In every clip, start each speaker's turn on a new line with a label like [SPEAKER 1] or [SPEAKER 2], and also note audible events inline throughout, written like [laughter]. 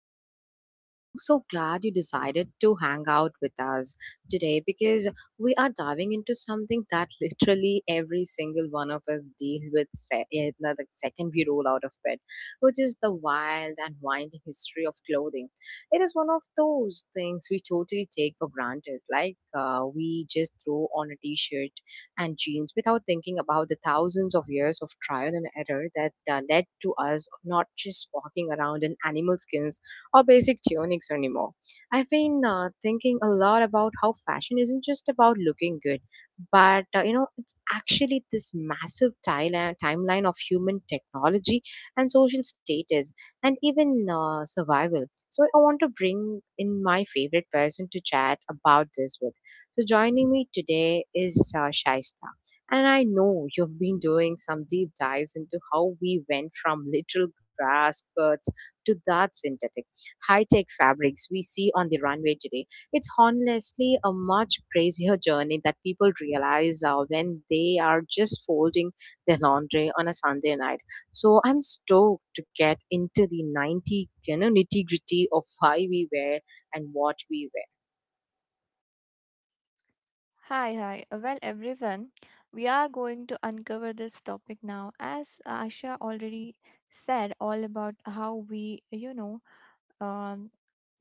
[SPEAKER 1] to the show. I am so glad you decided to hang out with us today, because we are diving into something that [laughs] literally every single one of us deal with the second we roll out of bed, which is the wild and winding history of clothing. It is one of those things we totally take for granted. Like, we just throw on a t-shirt and genes without thinking about the thousands of years of trial and error that led to us not just walking around in animal skins or basic tunics anymore. I've been thinking a lot about how fashion isn't just about looking good, but it's actually this massive timeline of human technology and social status and even survival. So I want to bring in my favorite person to chat about this with. So, joining me today is Shaista. And I know you've been doing some deep dives into how we went from literal grass skirts to that synthetic, high tech fabrics we see on the runway today. It's honestly a much crazier [laughs] journey that people realize, when they are just folding their laundry on a Sunday night. So I'm stoked to get into the nitty gritty of why we wear and what we wear.
[SPEAKER 2] Hi, hi. Well, everyone, we are going to uncover this topic now. As Asha already said, all about how we, um,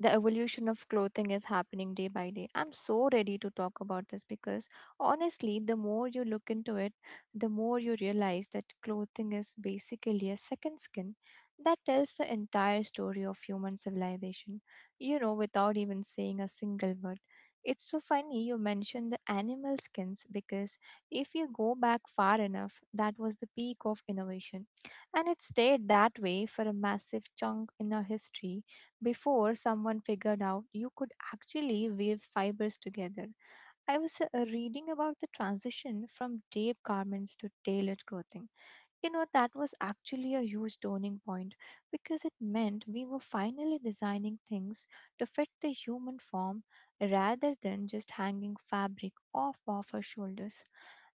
[SPEAKER 2] the evolution of clothing is happening day by day. I'm so ready to talk about this because honestly, the more you look into it, the more you realize that clothing is basically a second skin that tells the entire story of human civilization, without even saying a single word. It's so funny you mentioned the animal skins because if you go back far enough, that was the peak of innovation. And it stayed that way for a massive chunk in our history before someone figured out you could actually weave fibers together. I was reading about the transition from deep garments to tailored clothing. You know, that was actually a huge turning point because it meant we were finally designing things to fit the human form rather than just hanging fabric off of our shoulders.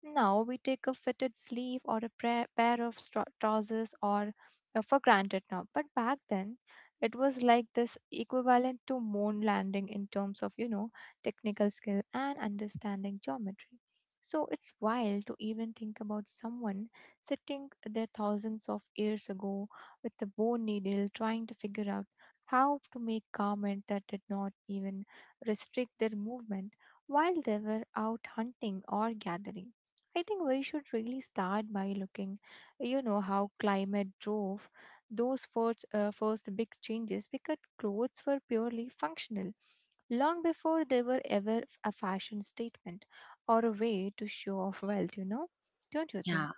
[SPEAKER 2] Now we take a fitted sleeve or a pair of trousers or for granted now. But back then, it was like this equivalent to moon landing in terms of, you know, technical skill and understanding geometry. So it's wild to even think about someone sitting there thousands of years ago with a bone needle trying to figure out how to make garment that did not even restrict their movement while they were out hunting or gathering. I think we should really start by looking, you know, how climate drove those first big changes because clothes were purely functional long before they were ever a fashion statement or a way to show off wealth, you know? Don't you think?
[SPEAKER 1] Yeah,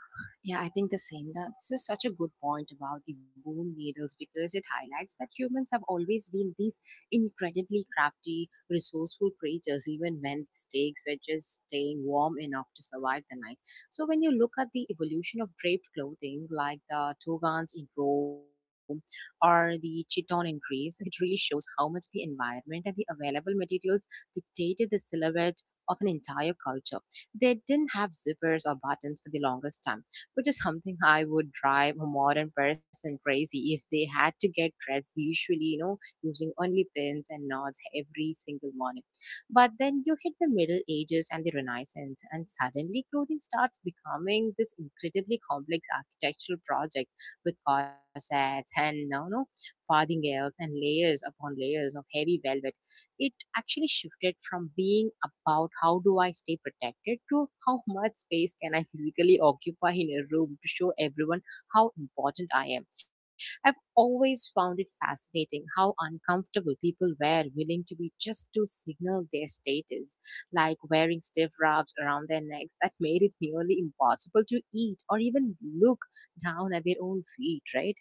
[SPEAKER 1] yeah, I think the same. That this is such a good point about the bone needles, because it highlights that humans have always been these incredibly crafty, resourceful creatures, even when the stakes were just staying warm enough to survive the night. So when you look at the evolution of draped clothing, like the togas in Rome or the chiton in Greece, it really shows how much the environment and the available materials dictated the silhouette of an entire culture. They didn't have zippers or buttons for the longest time, which is something I would drive a modern person crazy if they had to get dressed, usually, you know, using only pins and knots every single morning. But then you hit the Middle Ages and the Renaissance, and suddenly clothing starts becoming this incredibly complex architectural project with corsets and, no, no, farthingales and layers upon layers of heavy velvet. It actually shifted from being about how do I stay protected to how [laughs] much space can I physically occupy in a room to show everyone how important I am. I've always found it fascinating how uncomfortable people were willing to be just to signal their status, like wearing stiff wraps around their necks that [laughs] made it nearly impossible to eat or even look down at their own feet, right?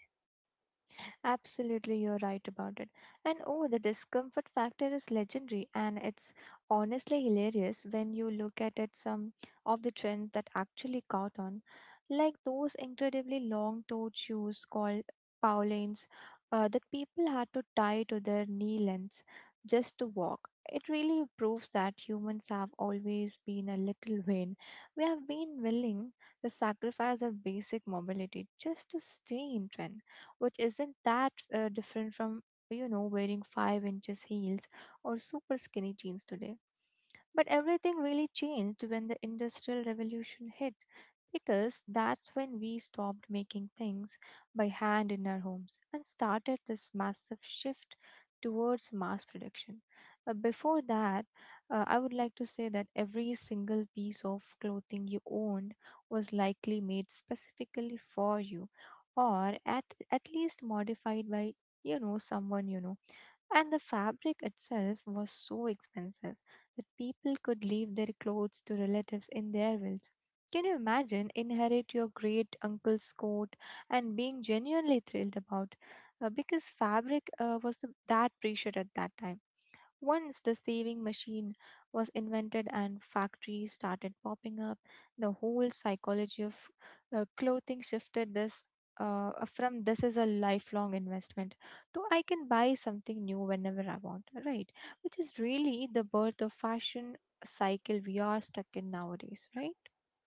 [SPEAKER 2] Absolutely, you're right about it. And oh, the discomfort factor is legendary, and it's honestly hilarious when you look at it some of the trends that actually caught on, like those incredibly long toed shoes called Paulins that people had to tie to their knee lengths just to walk. It really proves that humans have always been a little vain. We have been willing to sacrifice our basic mobility just to stay in trend which isn't that different from, you know, wearing 5 inches heels or super skinny jeans today. But everything really changed when the Industrial Revolution hit, because that's when we stopped making things by hand in our homes and started this massive shift towards mass production. Before that, I would like to say that every single piece of clothing you owned was likely made specifically for you or at least modified by you know someone you know, and the fabric itself was so expensive that people could leave their clothes to relatives in their wills. Can you imagine inherit your great uncle's coat and being genuinely thrilled about because fabric was that precious at that time. Once the saving machine was invented and factories started popping up, the whole psychology of clothing shifted this from this is a lifelong investment to I can buy something new whenever I want, right? Which is really the birth of fashion cycle we are stuck in nowadays, right?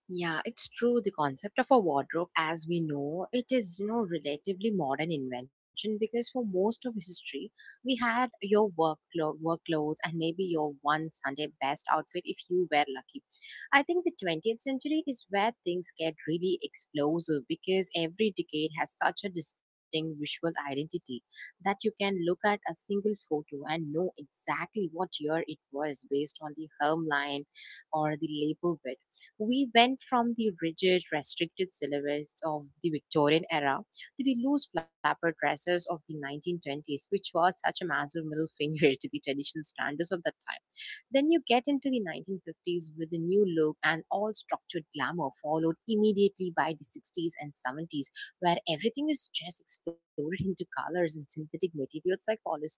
[SPEAKER 1] Yeah, it's true. The concept of a wardrobe, as we know it, is relatively modern invention, because for most of history, we had your work work clothes and maybe your one Sunday best outfit if you were lucky. I think the 20th century is where things get really explosive, because every decade has such a distinct visual identity that you can look at a single photo and know exactly what year it was based on the hemline or the label. We went from the rigid, restricted syllabus of the Victorian era to the loose flapper dresses of the 1920s, which was such a massive middle finger [laughs] to the traditional standards of that time. Then you get into the 1950s with a new look and all structured glamour, followed immediately by the 60s and 70s, where everything is just exploded into colors and synthetic materials like polyester.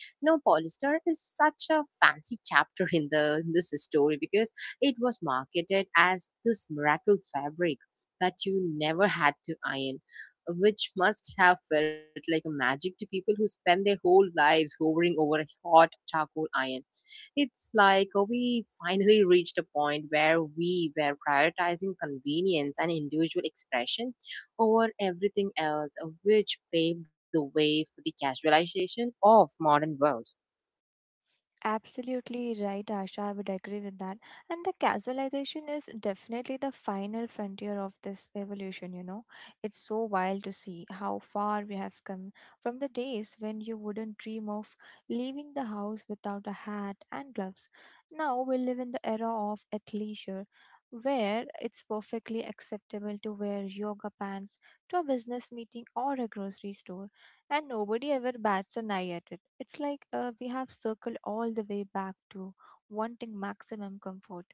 [SPEAKER 1] Now, polyester is such a fancy chapter in this story, because it was marketed as this miracle fabric that you never had to iron, which must have felt like a magic to people who spend their whole lives hovering over a hot charcoal iron. It's like, we finally reached a point where we were prioritizing convenience and individual expression over everything else, which paved the way for the casualization of modern world.
[SPEAKER 2] Absolutely right, Asha. I would agree with that. And the casualization is definitely the final frontier of this evolution, you know. It's so wild to see how far we have come from the days when you wouldn't dream of leaving the house without a hat and gloves. Now we live in the era of athleisure, where it's perfectly acceptable to wear yoga pants to a business meeting or a grocery store and nobody ever bats an eye at it. It's like we have circled all the way back to wanting maximum comfort.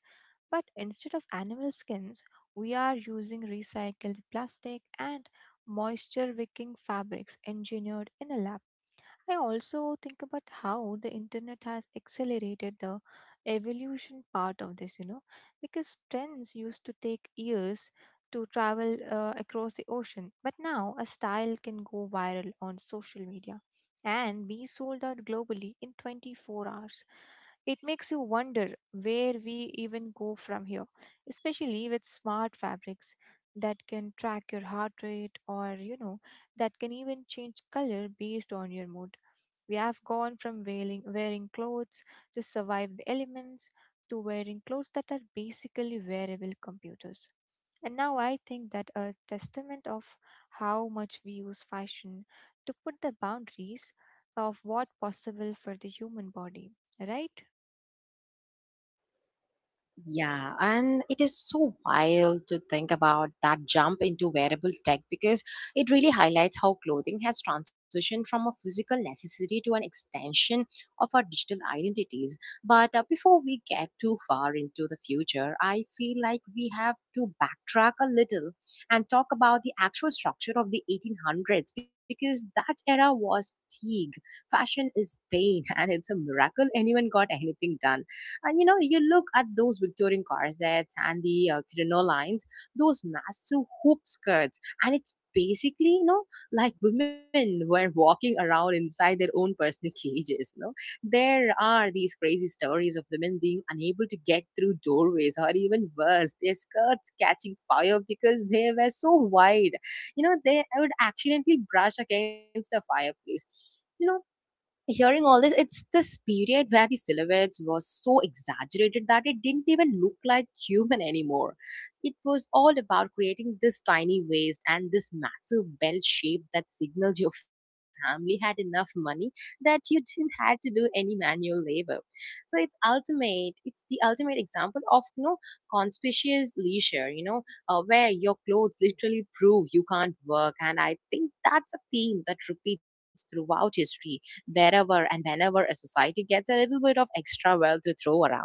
[SPEAKER 2] But instead of animal skins, we are using recycled plastic and moisture wicking fabrics engineered in a lab. I also think about how the internet has accelerated the evolution part of this, you know, because trends used to take years to travel across the ocean, but now a style can go viral on social media and be sold out globally in 24 hours. It makes you wonder where we even go from here, especially with smart fabrics that can track your heart rate or, you know, that can even change color based on your mood. We have gone from wearing clothes to survive the elements to wearing clothes that are basically wearable computers. And now I think that a testament of how much we use fashion to put the boundaries of what possible for the human body, right?
[SPEAKER 1] Yeah, and it is so wild to think about that jump into wearable tech, because it really highlights how clothing has transitioned from a physical necessity to an extension of our digital identities. But before we get too far into the future, I feel like we have to backtrack a little and talk about the actual structure of the 1800s, because that era was peak. Fashion is pain, [laughs] and it's a miracle anyone got anything done. And, you know, you look at those Victorian corsets and the crinolines, those massive hoop skirts, and it's basically, like, women [laughs] were walking around inside their own personal [laughs] cages. No, there are these crazy stories of women being unable to get through doorways, or even worse, their skirts catching fire because they were so wide. You know, they would accidentally brush against a fireplace. Hearing all this, it's this period where the silhouettes were so exaggerated that it didn't even look like human anymore. It was all about creating this tiny waist and this massive bell shape that signaled your family had enough money that you didn't had to do any manual labor. So it's ultimate. It's the ultimate example of, conspicuous leisure, where your clothes literally prove you can't work. And I think that's a theme that repeats throughout history, wherever and whenever a society gets a little bit of extra wealth to throw around.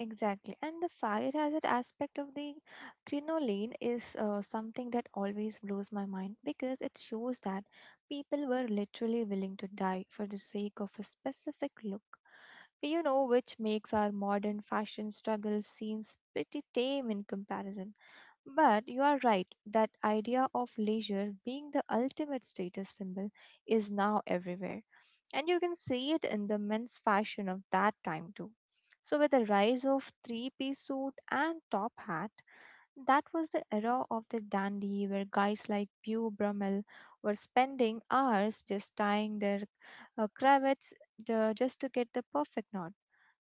[SPEAKER 2] Exactly. And the fire hazard aspect of the crinoline is something that always blows my mind because it shows that people were literally willing to die for the sake of a specific look, you know, which makes our modern fashion struggle seems pretty tame in comparison. But you are right, that idea of leisure being the ultimate status symbol is now everywhere. And you can see it in the men's fashion of that time too. So, with the rise of three-piece suit and top hat, that was the era of the dandy where guys like Beau Brummel were spending hours just tying their cravats just to get the perfect knot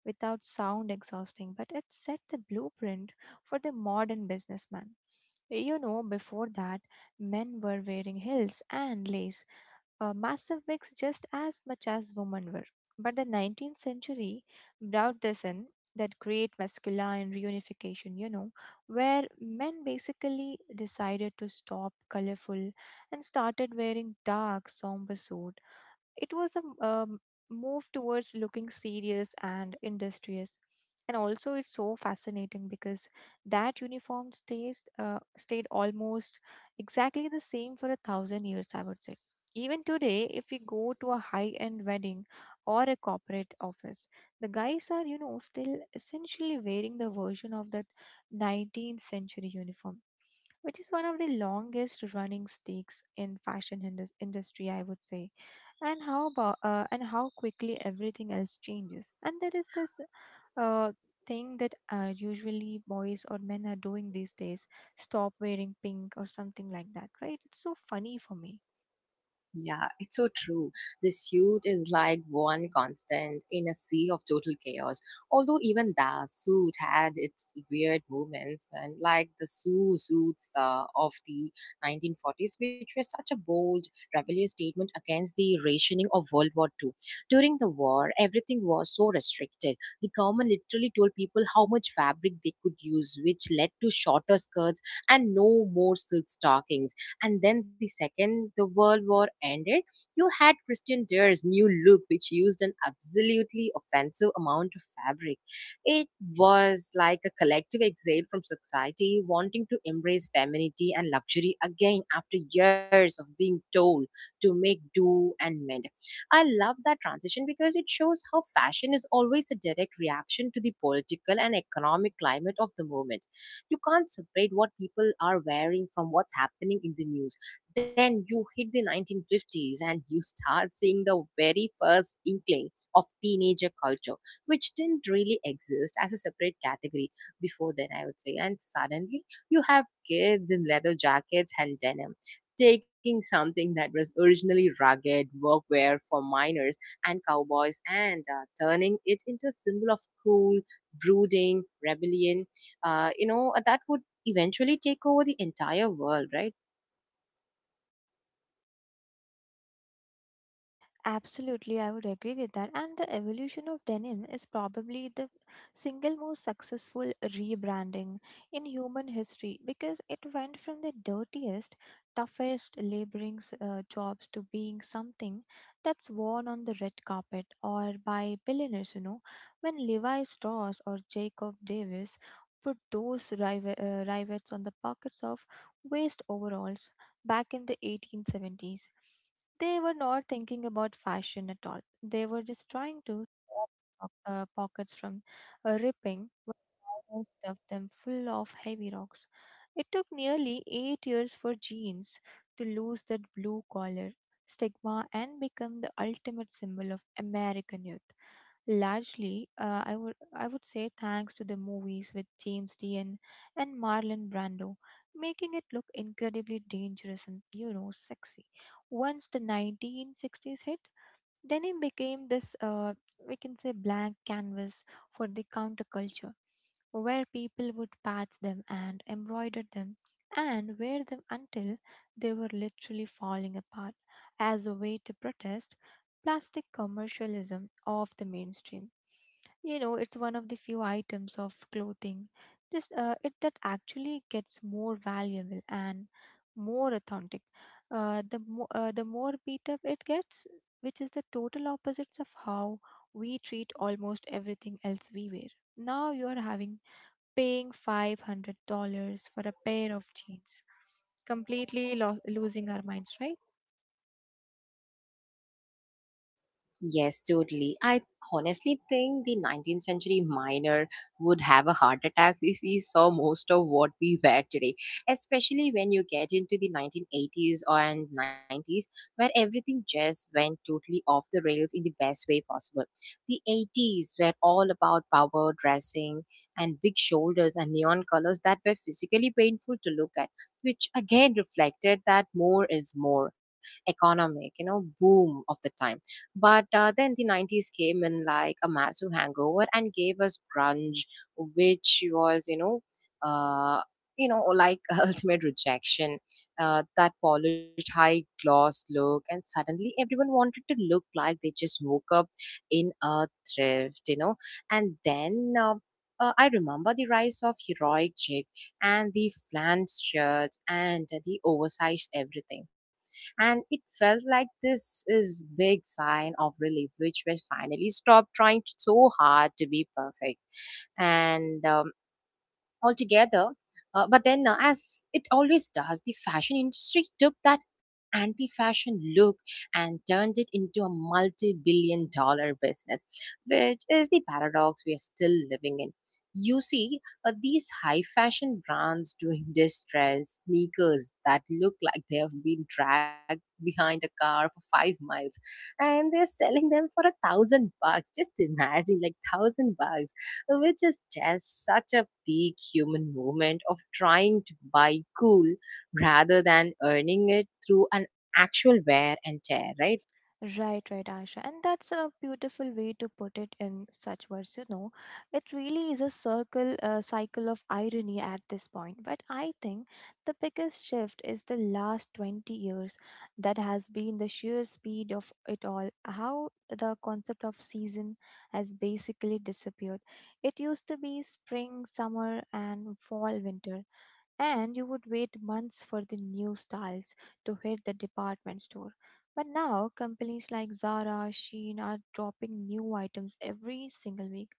[SPEAKER 2] without sound exhausting, but it set the blueprint for the modern businessman. You know, before that, men were wearing heels and lace, massive wigs just as much as women were. But the 19th century brought this in that great masculine reunification, you know, where men basically decided to stop colorful and started wearing dark, somber suit. It was a um, Move towards looking serious and industrious. And also, it's so fascinating because that uniform stayed almost exactly the same for a thousand years, I would say. Even today, if we go to a high end wedding or a corporate office, the guys are, you know, still essentially wearing the version of that 19th century uniform, which is one of the longest running stakes in fashion industry, I would say. And how about and how quickly everything else changes, and there is this uh, thing that usually boys or men are doing these days, stop wearing pink or something like that, right? It's so funny for me.
[SPEAKER 1] Yeah, it's so true. The suit is like one constant in a sea of total chaos. Although even the suit had its weird movements, and like the Sioux suits of the 1940s, which was such a bold, rebellious statement against the rationing of World War II. During the war, everything was so restricted. The government literally told people how much fabric they could use, which led to shorter skirts and no more silk stockings. And then the second the world war ended, you had Christian Dior's new look, which used an absolutely offensive amount of fabric. It was like a collective exhale from society wanting to embrace femininity and luxury again after years of being told to make do and mend. I love that transition, because it shows how fashion is always a direct reaction to the political and economic climate of the moment. You can't separate what people are wearing from what's happening in the news. Then you hit the 1950s and you start seeing the very first inkling of teenager culture, which didn't really exist as a separate category before then, I would say. And suddenly you have kids in leather jackets and denim, taking something that was originally rugged workwear for miners and cowboys and turning it into a symbol of cool, brooding rebellion that would eventually take over the entire world, right?
[SPEAKER 2] Absolutely, I would agree with that. And the evolution of denim is probably the single most successful rebranding in human history because it went from the dirtiest, toughest laboring jobs to being something that's worn on the red carpet or by billionaires, you know. When Levi Strauss or Jacob Davis put those rivets on the pockets of waist overalls back in the 1870s. They were not thinking about fashion at all. They were just trying to stop pockets from ripping and stuffed them full of heavy rocks. It took nearly 8 years for jeans to lose that blue collar stigma and become the ultimate symbol of American youth. Largely, I would say thanks to the movies with James Dean and Marlon Brando, making it look incredibly dangerous and you know sexy. Once the 1960s hit, Denim became we can say, blank canvas for the counterculture, where people would patch them and embroider them and wear them until they were literally falling apart as a way to protest plastic commercialism of the mainstream. You know, it's one of the few items of clothing just it that actually gets more valuable and more authentic, the more beat up it gets, which is the total opposites of how we treat almost everything else we wear. Now you are having paying $500 for a pair of jeans, completely losing our minds, right?
[SPEAKER 1] Yes, totally. I honestly think the 19th century miner would have a heart attack if he saw most of what we wear today, especially when you get into the 1980s and 90s, where everything just went totally off the rails in the best way possible. The 80s were all about power dressing and big shoulders and neon colors that were physically painful to look at, which again reflected that more is more economic, boom of the time. But then the 90s came in like a massive hangover and gave us grunge, which was, uh, like, [laughs] ultimate rejection, that polished high gloss look, and suddenly everyone wanted to look like they just woke up in a thrift. And then I remember the rise of heroic chic and the flanned shirts and the oversized everything, and it felt like this is big sign of relief, which we finally stopped trying so hard to be perfect. And altogether. But then, as it always does, the fashion industry took that anti fashion look and turned it into a multi billion dollar business, which is the paradox we are still living in. You see, these high fashion brands doing distress sneakers that look like they have been dragged behind a car for 5 miles, and they're selling them for $1,000. Just imagine, like $1,000, which is just such a peak human moment of trying to buy cool rather than earning it through an actual wear and tear, right?
[SPEAKER 2] Right, right, Asha. And that's a beautiful way to put it in such words, you know. It really is a circle, a cycle of irony at this point. But I think the biggest shift is the last 20 years that has been the sheer speed of it all. How the concept of season has basically disappeared. It used to be spring, summer, and fall, winter, and you would wait months for the new styles to hit the department store. But now, companies like Zara, Shein are dropping new items every single week.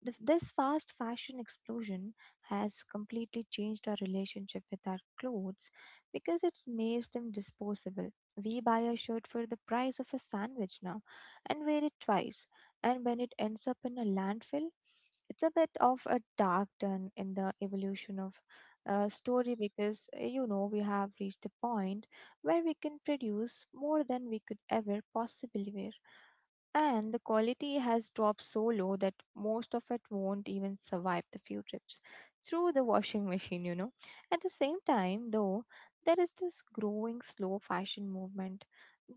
[SPEAKER 2] This fast fashion explosion has completely changed our relationship with our clothes because it's made them disposable. We buy a shirt for the price of a sandwich now and wear it twice, and when it ends up in a landfill, it's a bit of a dark turn in the evolution of story because you know we have reached a point where we can produce more than we could ever possibly wear. And the quality has dropped so low that most of it won't even survive the few trips through the washing [laughs] machine, you know. At the same time, though, there is this growing slow fashion movement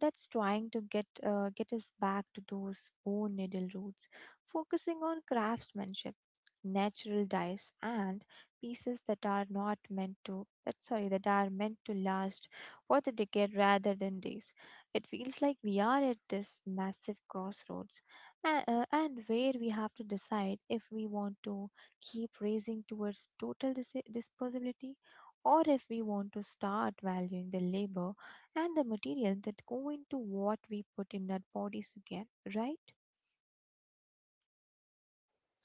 [SPEAKER 2] that's trying to get us back to those bone needle roots, focusing on craftsmanship, natural dyes, and pieces that are not meant to that sorry that are meant to last for the decade rather than days. It feels like we are at this massive crossroads a- and where we have to decide if we want to keep racing towards total disposability, or if we want to start valuing the labor and the material that go into what we put in our bodies again, right?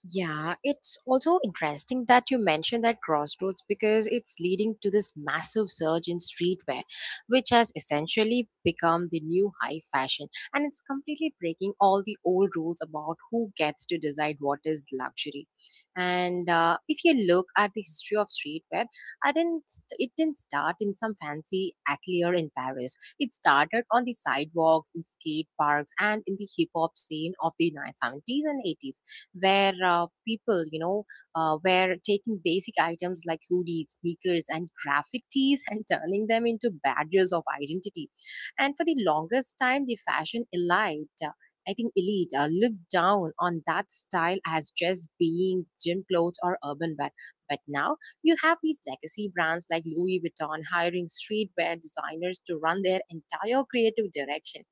[SPEAKER 1] Yeah, it's also interesting that you mentioned that Crossroads, because it's leading to this massive surge in streetwear, which has essentially become the new high fashion. And it's completely breaking all the old rules about who gets to decide what is luxury. And if you look at the history of streetwear, I didn't, it didn't start in some fancy atelier in Paris. It started on the sidewalks, in skate parks, and in the hip hop scene of the 70s and 80s where people, were taking basic items like hoodies, sneakers, and graphic tees, [laughs] and turning them into badges of identity. And for the longest time, the fashion elite, I think elite, looked down on that style as just being gym clothes or urban wear. But now you have these legacy brands like Louis Vuitton hiring streetwear designers to run their entire creative direction.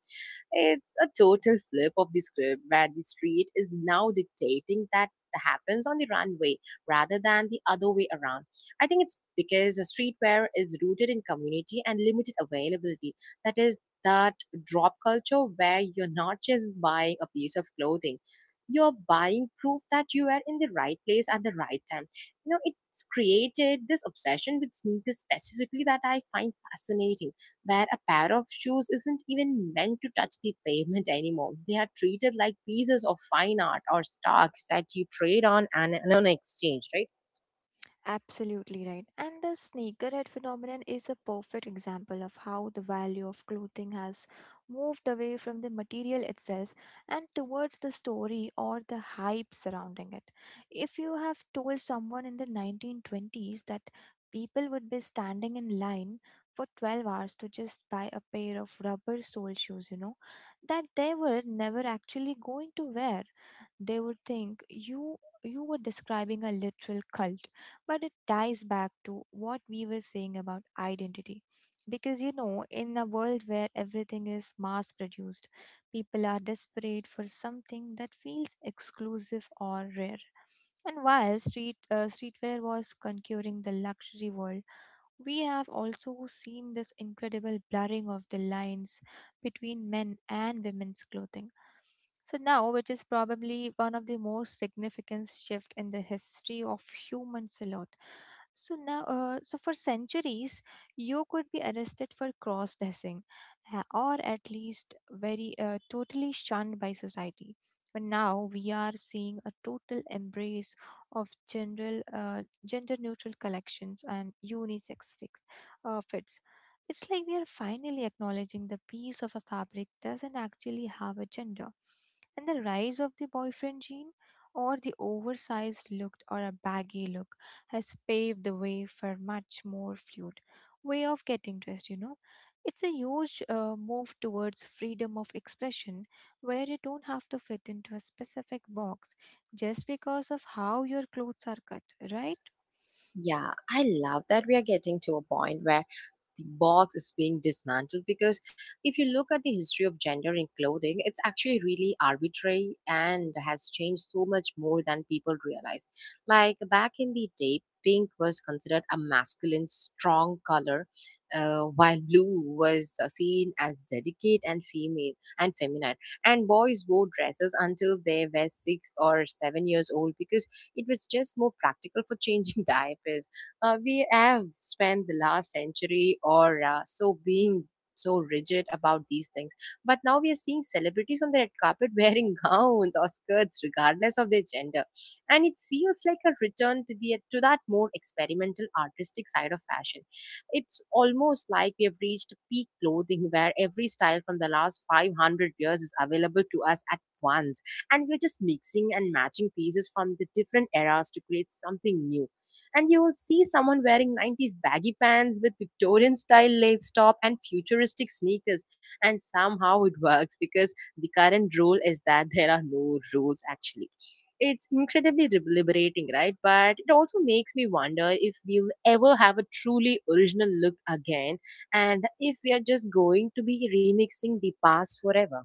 [SPEAKER 1] It's a total flip of the script where the street is now dictating that happens on the runway rather than the other way around. I think it's because streetwear is rooted in community and limited availability. That is that drop culture where you're not just buying a piece of clothing, you're buying proof that you were in the right place at the right time. You know it's created this obsession with sneakers specifically that I find fascinating, where a pair of shoes isn't even meant to touch the pavement anymore. They are treated like pieces of fine art or stocks that you trade on an exchange, right?
[SPEAKER 2] Absolutely right. And the sneakerhead phenomenon is a perfect example of how the value of clothing has moved away from the material itself and towards the story or the hype surrounding it. If you have told someone in the 1920s that people would be standing in line for 12 hours to just buy a pair of rubber sole shoes, you know, that they were never actually going to wear, they would think you were describing a literal cult, but it ties back to what we were saying about identity. Because you know, in a world where everything is mass produced, people are desperate for something that feels exclusive or rare. And while streetwear was conquering the luxury world, we have also seen this incredible blurring of the lines between men and women's clothing. So now, which is probably one of the most significant shift in the history of human silhouette. So for centuries, you could be arrested for cross-dressing, or at least very totally shunned by society. But now we are seeing a total embrace of general gender neutral collections, and unisex fits. It's like we are finally acknowledging the piece of a fabric doesn't actually have a gender. And the rise of the boyfriend gene or the oversized look or a baggy look has paved the way for much more fluid way of getting dressed, you know. It's a huge move towards freedom of expression where you don't have to fit into a specific box just because of how your clothes are cut, right?
[SPEAKER 1] Yeah, I love that we are getting to a point where the box is being dismantled, because if you look at the history of gender in clothing, it's actually really arbitrary and has changed so much more than people realize. Like back in the day, pink was considered a masculine, strong color, while blue was seen as delicate and female and feminine. And boys wore dresses until they were 6 or 7 years old because it was just more practical for changing [laughs] diapers. We have spent the last century or so being so rigid about these things, but now we are seeing celebrities on the red carpet wearing [laughs] gowns or skirts regardless of their gender, and it feels like a return to that more experimental, artistic side of fashion. It's almost like we have reached peak clothing where every style from the last 500 years is available to us at once, and we're just mixing and matching pieces from the different eras to create something new. And you will see someone wearing 90s baggy pants with Victorian style lace top and futuristic sneakers. And somehow it works because the current rule is that there are no rules actually. It's incredibly liberating, right? But it also makes me wonder if we'll ever have a truly original look again, and if we are just going to be remixing the past forever.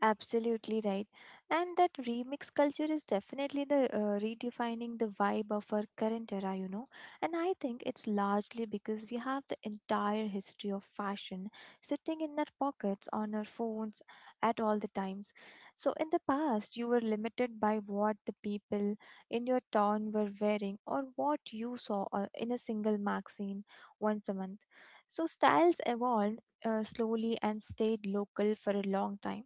[SPEAKER 2] Absolutely right. And that remix culture is definitely the redefining the vibe of our current era, you know. And I think it's largely because we have the entire history of fashion sitting in our pockets on our phones at all the times. So in the past, you were limited by what the people in your town were wearing or what you saw in a single magazine once a month. So styles evolved slowly and stayed local for a long time.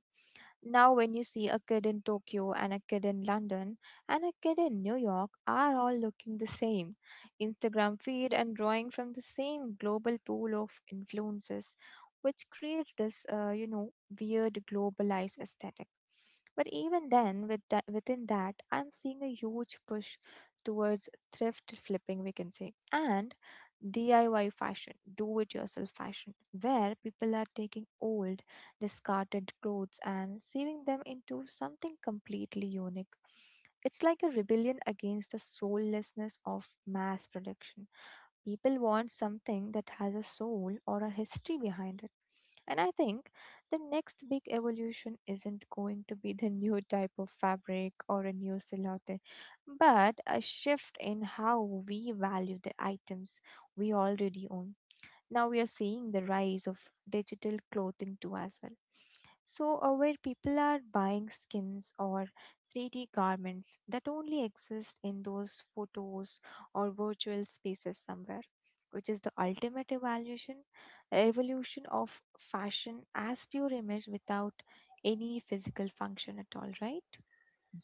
[SPEAKER 2] Now, when you see a kid in Tokyo and a kid in London and a kid in New York are all looking the same Instagram feed and drawing from the same global pool of influences, which creates this weird globalized aesthetic. But even then, with that, within that, I'm seeing a huge push towards thrift flipping, we can say, and DIY fashion, do it yourself fashion, where people are taking old discarded clothes and saving them into something completely unique. It's like a rebellion against the soullessness of mass production. People want something that has a soul or a history behind it. And I think the next big evolution isn't going to be the [laughs] new type of fabric or a new silhouette, but a shift in how we value the items we already own. Now we are seeing the rise of digital clothing too as well, so where people are buying skins or 3D garments that only exist in those photos or virtual spaces somewhere, which is the ultimate evaluation evolution of fashion as pure image without any physical function at all, right?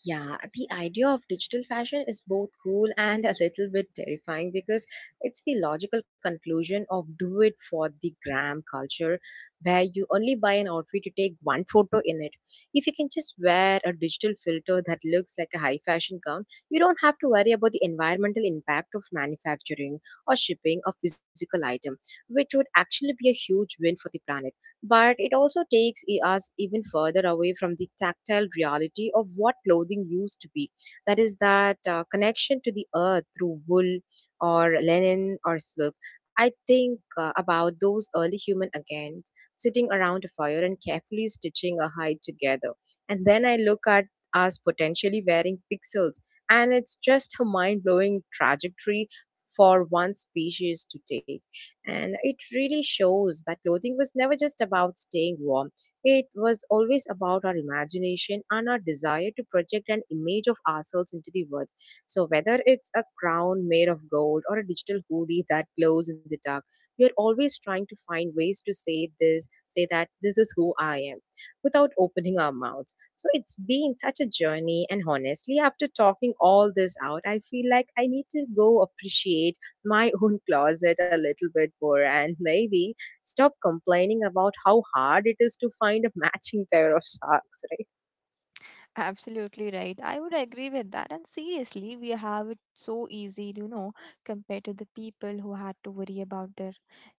[SPEAKER 1] Yeah, the idea of digital fashion is both cool and [laughs] a little bit terrifying because it's the logical conclusion of do it for the gram culture, where you only buy an outfit to take one photo in it. If you can just wear a digital filter that looks like a high fashion gown, you don't have to worry about the environmental impact of manufacturing or shipping a physical item, which would actually be a huge win for the planet. But it also takes us even further away from the tactile reality of what clothing used to be. That connection to the earth through wool or linen or silk. I think about those early human again sitting around a fire and carefully stitching a hide together, and then I look at us potentially wearing pixels, and it's just a mind-blowing trajectory for one species to take. And it really shows that clothing was never just about staying warm. It was always about our imagination and our desire to project an image of ourselves into the world. So, whether it's a crown made of gold or a digital hoodie that glows in the dark, we are always trying to find ways to say that this is who I am without opening our mouths. So, it's been such a journey. And honestly, after talking all this out, I feel like I need to go appreciate my [laughs] own closet a little bit more, and maybe stop complaining about how hard it is to find a matching pair of socks, right?
[SPEAKER 2] Absolutely right. I would agree with that. And seriously, we have it so easy, you know, compared to the people who had to worry about their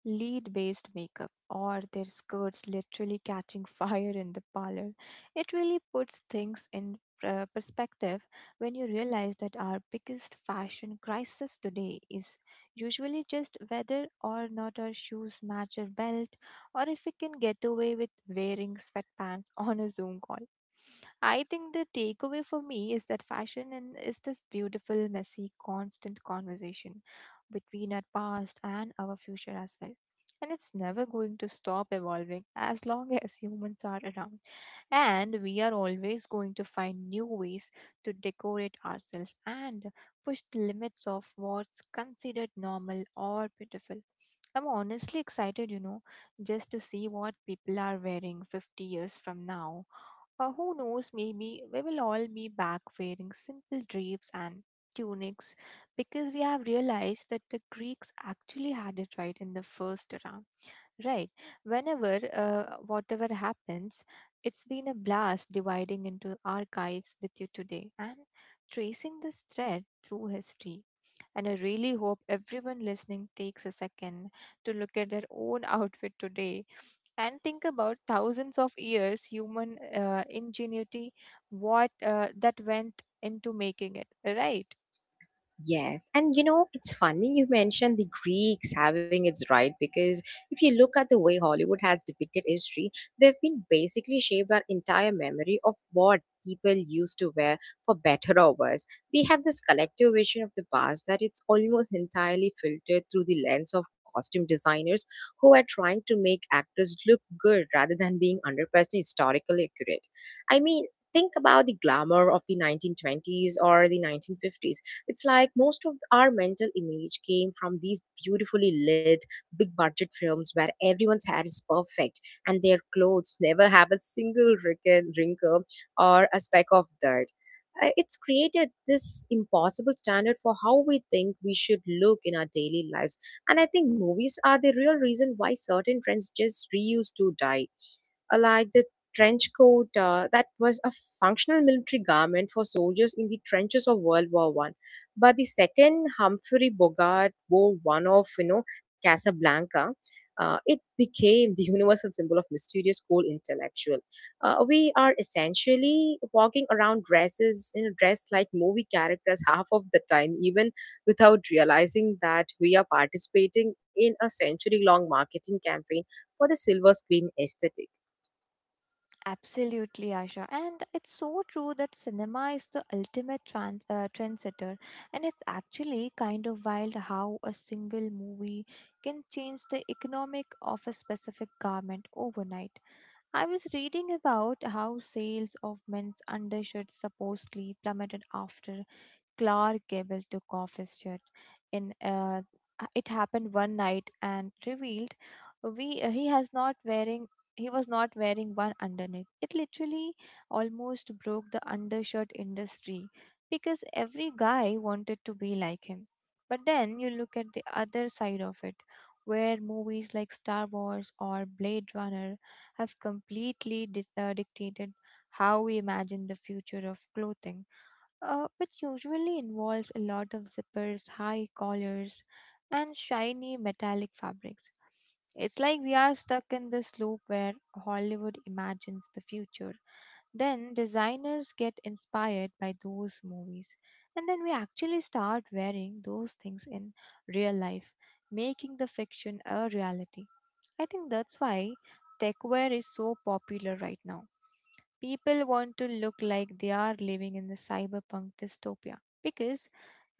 [SPEAKER 2] lead based makeup or their skirts literally catching [laughs] fire in the parlor. It really puts things in perspective when you realize that our biggest fashion crisis today is usually just whether or not our shoes match our belt, or if we can get away with wearing sweatpants [laughs] on a Zoom call. I think the takeaway for me is that fashion and is this beautiful, messy, constant conversation between our past and our future as well. And it's never going to stop evolving as long [laughs] as humans are around. And we are always going to find new ways to decorate ourselves and push the limits of what's considered normal or beautiful. I'm honestly excited, you know, just to see what people are wearing 50 years from now, or who knows, maybe we will all be back wearing simple drapes and tunics because we have realized that the Greeks actually had it right in the first round. Right. Whatever happens, it's been a blast dividing into archives with you today and tracing this thread through history. And I really hope everyone listening takes a second to look at their own [laughs] outfit today and think about thousands of years human ingenuity what that went into making it, right?
[SPEAKER 1] Yes, and you know, it's funny you mentioned the Greeks having its right, because if you look at the way Hollywood has depicted history, they've been basically shaped our entire memory of what people used to wear, for better or worse. We have this collective vision of the past that it's almost entirely filtered through the lens of costume designers who are trying to make actors look good rather than being 100% historically accurate. I mean, think about the glamour of the 1920s or the 1950s. It's like most of our mental image came from these beautifully lit, big budget films where everyone's hair is perfect and their clothes never have a single wrinkle or a speck of dirt. It's created this impossible standard for how we think we should look in our daily lives. And I think movies are the real reason why certain trends just reuse to die, like the trench coat that was a functional military garment for soldiers in the trenches of World War One. But the second Humphrey Bogart wore one of, you know, Casablanca. It became the universal symbol of mysterious cool intellectual. We are essentially walking around dresses, you know, dressed like movie characters [laughs] half of the time, even without realizing that we are participating in a century long marketing campaign for the silver screen aesthetic.
[SPEAKER 2] Absolutely, Asha. And it's so true that cinema is the ultimate trendsetter, and it's actually kind of wild how a single movie can change the economic of a specific garment overnight. I was reading about how sales of men's undershirts supposedly plummeted after Clark Gable took off his shirt. In It happened one night and revealed we he has not wearing he was not wearing one underneath. It literally almost broke the undershirt industry because every guy wanted to be like him. But then you look at the other side of it, where movies like Star Wars or Blade Runner have completely dictated how we imagine the future of clothing, which usually involves a lot of zippers, high collars, and shiny metallic fabrics. It's like we are stuck in this loop where Hollywood imagines the future. Then designers get inspired by those movies. And then we actually start wearing those things in real life, making the fiction a reality. I think that's why techwear is so popular right now. People want to look like they are living in the cyberpunk dystopia because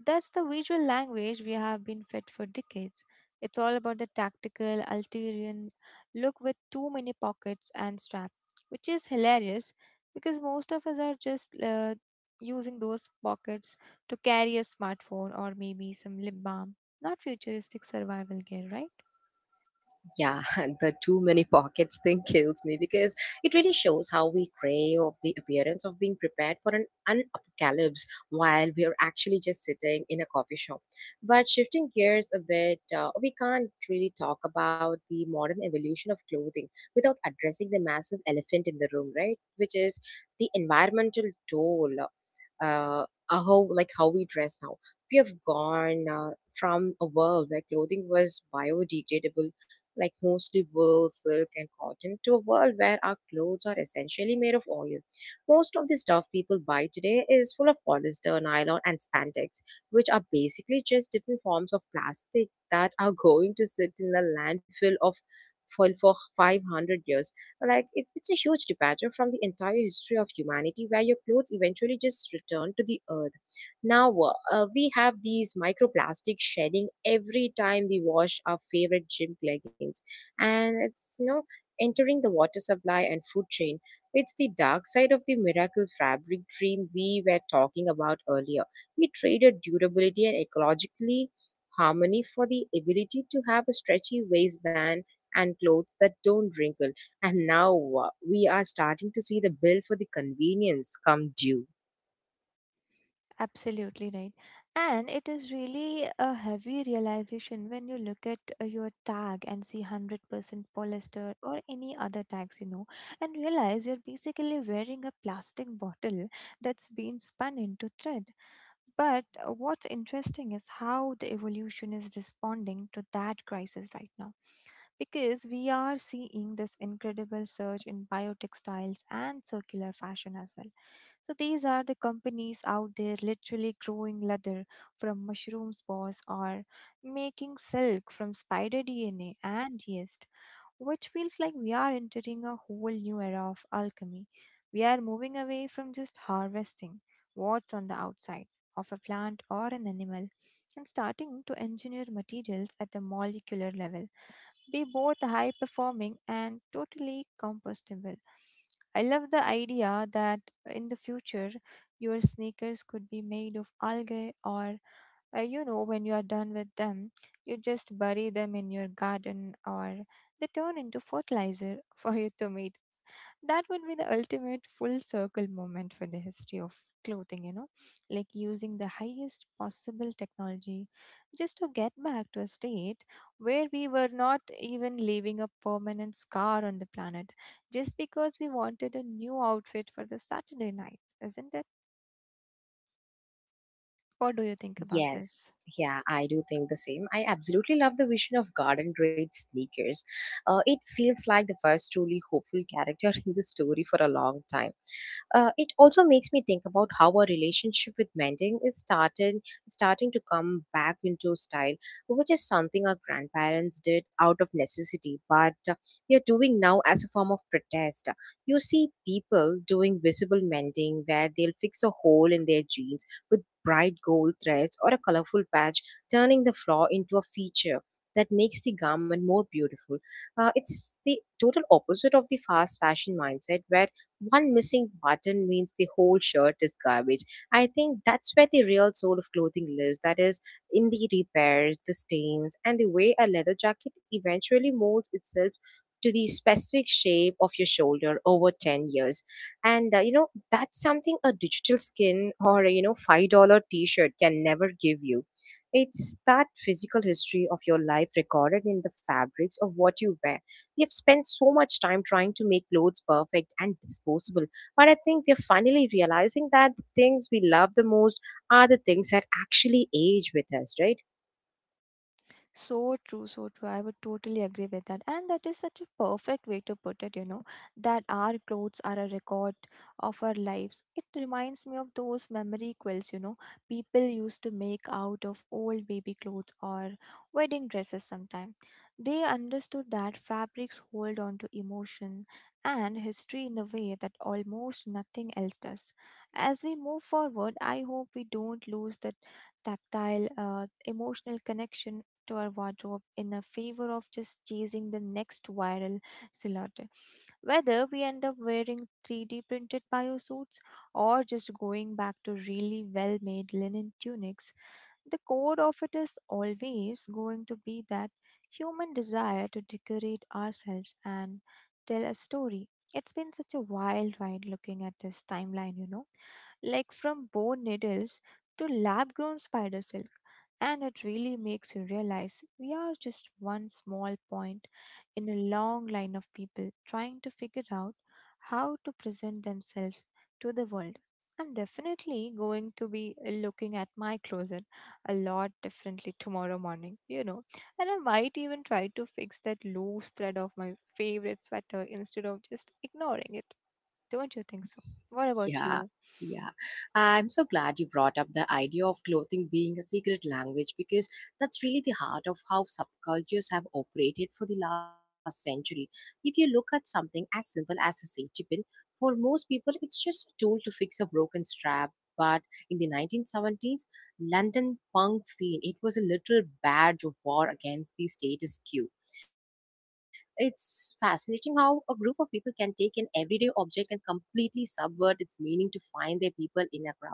[SPEAKER 2] that's the visual language we have been fed for decades. It's all about the tactical, Altarian look with too many pockets and straps, which is hilarious because most of us are just using those pockets to carry a smartphone or maybe some lip balm, not futuristic survival gear, right?
[SPEAKER 1] Yeah, [laughs] the too many pockets thing [laughs] kills me because it really shows how we crave of the appearance of being prepared for an apocalypse while we are actually just sitting in a coffee shop. But shifting gears a bit, we can't really talk about the modern evolution of clothing without addressing the massive elephant in the room, right? Which is the environmental toll. Uh, how how we dress now. We have gone from a world where clothing was biodegradable, like mostly wool, silk, and cotton, to a world where our clothes are essentially made of oil. Most of the stuff people buy today is full of polyester, nylon, and spandex, which are basically just different forms of plastic that are [laughs] going to sit in a landfill of for 500 years. Like, it's a huge departure from the entire history of humanity where your clothes eventually just return to the earth. Now we have these microplastic shedding every time we wash our favorite gym leggings, and it's, you know, entering the water supply and food chain. It's the dark side of the miracle fabric dream we were talking about earlier. We traded durability and ecologically harmony for the ability to have a stretchy waistband and clothes that don't wrinkle. And now we are starting to see the bill for the convenience come due.
[SPEAKER 2] Absolutely right. And it is really a heavy realization when you look at your tag and see 100% polyester or any other tags, you know, and realize you're basically wearing a plastic bottle that's been spun into thread. But what's interesting is how the evolution is responding to that crisis right now, because we are seeing this incredible surge in biotextiles and circular fashion as well. So these are the companies out there literally growing leather from mushroom spores, or making silk from spider DNA and yeast, which feels like we are entering a whole new era of alchemy. We are moving away from just harvesting what's on the outside of a plant or an animal and starting to engineer materials at the molecular level, be both high performing and totally compostable. I love the idea that in the future your sneakers could be made of algae, or you know, when you are done with them you just bury them in your garden, or they turn into fertilizer [laughs] for your tomatoes. That would be the ultimate full circle moment for the history of clothing, you know, like using the highest possible technology just to get back to a state where we were not even leaving a permanent scar on the planet just because we wanted a new outfit for the Saturday night, isn't it? What do you think about this?
[SPEAKER 1] Yes, yeah, I do think the same. I absolutely love the vision of garden grade sneakers. It feels like the first truly hopeful character [laughs] in the story for a long time. It also makes me think about how our relationship with mending starting to come back into style, which is something our grandparents did out of necessity, but we are doing now as a form of protest. You see people doing visible mending where they'll fix a hole in their jeans with bright gold threads or a colorful patch, turning the flaw into a feature that makes the garment more beautiful. It's the total opposite of the fast fashion mindset where one missing button means the whole shirt is garbage. I think that's where the real soul of clothing lives. That is, in the repairs, the stains, and the way a leather jacket eventually molds itself to the specific shape of your shoulder over 10 years. And you know, that's something a digital skin or a, you know, $5 t shirt can never give you. It's that physical history of your life recorded in the fabrics of what you wear. We have spent so much time trying to make clothes perfect and disposable, but I think we are finally realizing that the things we love the most are the things that actually age with us, right?
[SPEAKER 2] So true, so true. I would totally agree with that. And that is such a perfect way to put it, you know, that our clothes are a record of our lives. It reminds me of those memory quills, you know, people used to make out of old baby clothes or wedding dresses sometime. They understood that fabrics hold on to emotion and history in a way that almost nothing else does. As we move forward, I hope we don't lose that tactile, emotional connection to our wardrobe in a favor of just chasing the next viral silhouette. Whether we end up wearing 3D printed biosuits or just going back to really well made linen tunics, the core of it is always going to be that human desire to decorate ourselves and tell a story. It's been such a wild ride looking at this timeline, you know, like from boar needles to lab grown spider silk. And it really makes you realize we are just one small point in a long line of people trying to figure out how to present themselves to the world. I'm definitely going to be looking at my closet a lot differently tomorrow morning. And I might even try to fix that loose thread of my favorite sweater instead of just ignoring it. Don't you think so? What about
[SPEAKER 1] Yeah,
[SPEAKER 2] you?
[SPEAKER 1] yeah. I'm so glad you brought up the idea of clothing being a secret language, because that's really the heart of how subcultures have operated for the last century. If you look at something as simple as a safety pin, for most people it's just a tool to fix a broken strap. But in the 1970s, London punk scene, it was a literal badge of war against the status quo. It's fascinating how a group of people can take an everyday object and completely subvert its meaning to find their people in a crowd.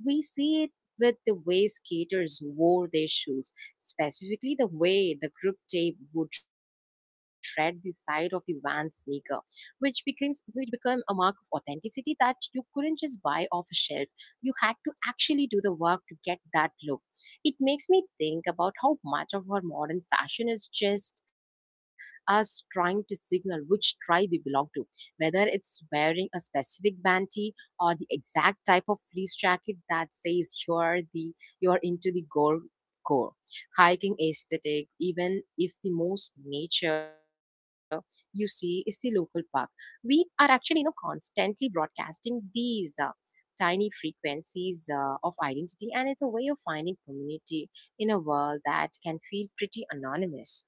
[SPEAKER 1] We see it with the way skaters wore their shoes, specifically the way the grip tape would shred the side of the van sneaker, which became a mark of authenticity that you couldn't just buy off a shelf. You had to actually do the work to get that look. It makes me think about how much of our modern fashion is just as trying to signal which tribe we belong to. Whether it's wearing a specific banty or the exact type of fleece jacket that says you're into the gore core. Hiking aesthetic, even if the most nature you see is the local park. We are actually, you know, constantly broadcasting these tiny frequencies of identity, and it's a way of finding community in a world that can feel pretty anonymous.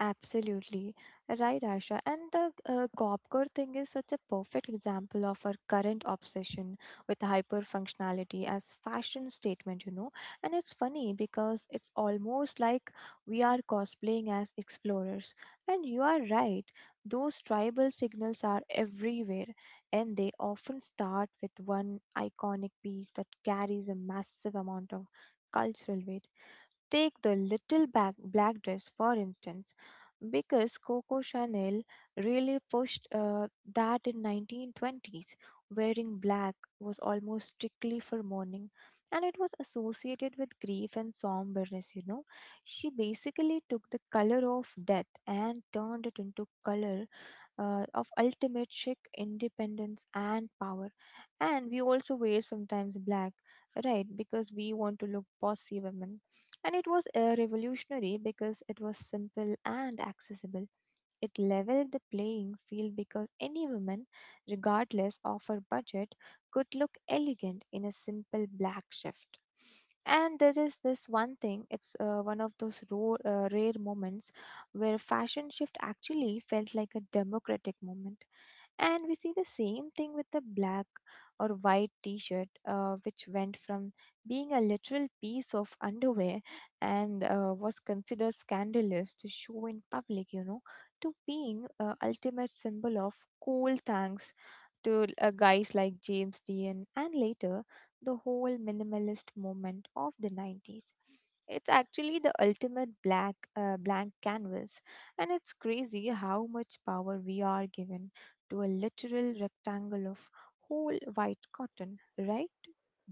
[SPEAKER 2] Absolutely. Right, Asha. And the Gopkar thing is such a perfect example of our current obsession with hyper functionality as fashion statement. And it's funny because it's almost like we are cosplaying as explorers. And you are right. Those tribal signals are everywhere, and they often start with one iconic piece that carries a massive amount of cultural weight. Take the little back, black dress, for instance, because Coco Chanel really pushed that in 1920s. Wearing black was almost strictly for mourning, and it was associated with grief and somberness. You know, she basically took the color of death and turned it into color of ultimate chic independence and power. And we also wear sometimes black, right? Because we want to look bossy women. And it was revolutionary because it was simple and accessible. It leveled the playing field because any woman, regardless of her budget, could look elegant in a simple black shift. And there is this one thing, it's one of those rare moments where fashion shift actually felt like a democratic moment. And we see the same thing with the black or white t shirt, which went from being a literal piece of underwear and was considered scandalous to show in public, you know, to being ultimate symbol of cool thanks to guys like James Dean and later the whole minimalist movement of the 90s. It's actually the ultimate black blank canvas, and it's crazy how much power we are given to a literal rectangle of whole white cotton, right?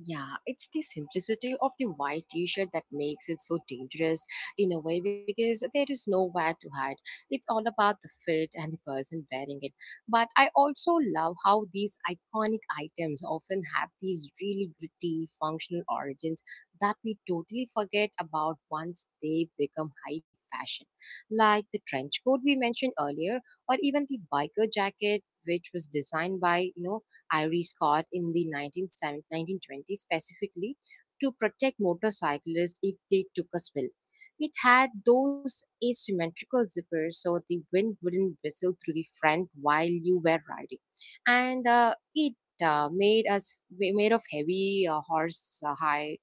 [SPEAKER 1] Yeah, it's the simplicity of the white t shirt that makes it so dangerous in a way because there is nowhere to hide. It's all about the fit and the person wearing it. But I also love how these iconic items often have these really gritty functional origins that we totally forget about once they become high fashion, like the trench coat we mentioned earlier, or even the biker jacket. Which was designed by, you know, Ivory Scott in the 1970 1920s, specifically to protect motorcyclists if they took a spill. It had those asymmetrical zippers so the wind wouldn't whistle through the front while you were riding. And it made us we- made of heavy horse hide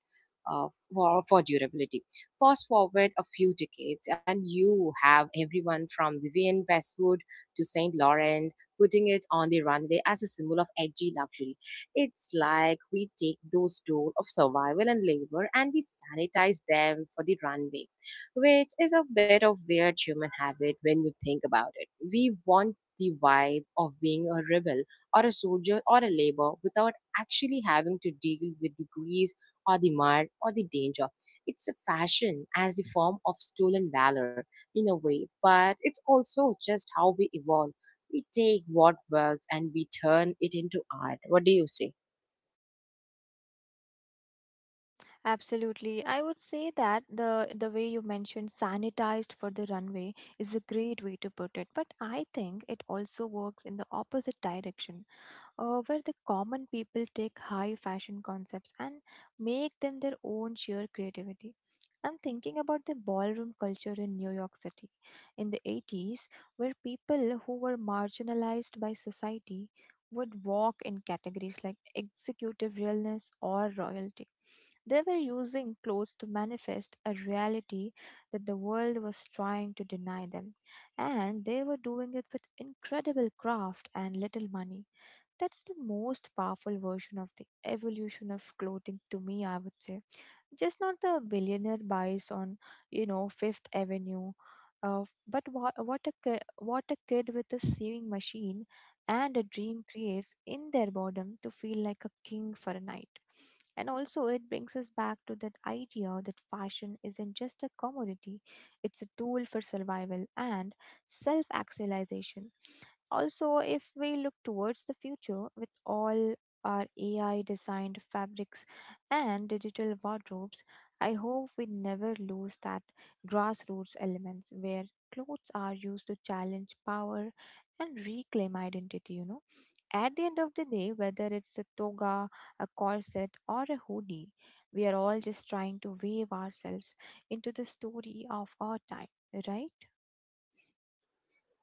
[SPEAKER 1] uh, for durability. Fast forward a few decades, and you have everyone from Vivian Westwood to St. Laurent putting it on the runway as a symbol of edgy luxury. It's like we take those tools of survival and labor and we sanitize them for the runway, which is a bit of weird human habit when you think about it. We want the vibe of being a rebel or a soldier or a labor without actually having to deal with the grease or the mud or the danger. It's a fashion as the form of stolen valor in a way, but it's also just how we evolve. We take what works and we turn it into art. What do you say?
[SPEAKER 2] Absolutely. I would say that the way you mentioned sanitized for the runway is a great way to put it, but I think it also works in the opposite direction where the common people take high fashion concepts and make them their own sheer creativity. I'm thinking about the ballroom culture in New York City in the 80s, where people who were marginalized by society would walk in categories like executive realness or royalty. They were using clothes to manifest a reality that the world was trying to deny them, and they were doing it with incredible craft and little money. That's the most powerful version of the evolution of clothing to me, I would say just not the billionaire buys on you know fifth avenue uh, but what a kid with a sewing machine and a dream creates in their boredom to feel like a king for a night, and also it brings us back to that idea that fashion isn't just a commodity, it's a tool for survival and self actualization. Also, if we look towards the future with all our AI designed fabrics and digital wardrobes, I hope we never lose that grassroots elements where clothes are used to challenge power and reclaim identity, you know. At the end of the day, whether it's a toga, a corset, or a hoodie, we are all just trying to wave ourselves into the story of our time, right?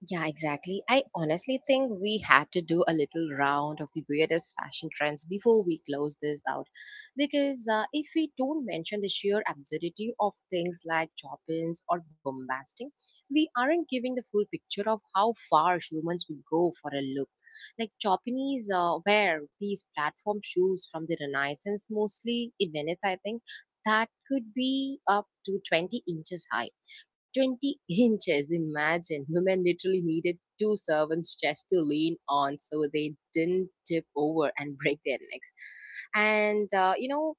[SPEAKER 1] Yeah, exactly. I honestly think we had to do a little round of the weirdest fashion trends before we close this out. Because if we don't mention the sheer absurdity of things like chopins or bombasting, we aren't giving the full picture of how far humans will go for a look. Like chopinis wear these platform shoes from the Renaissance, mostly in Venice, I think, that could be up to 20 inches high. 20 inches. Imagine women literally needed two servants just to lean on so they didn't tip over and break their necks. And, you know,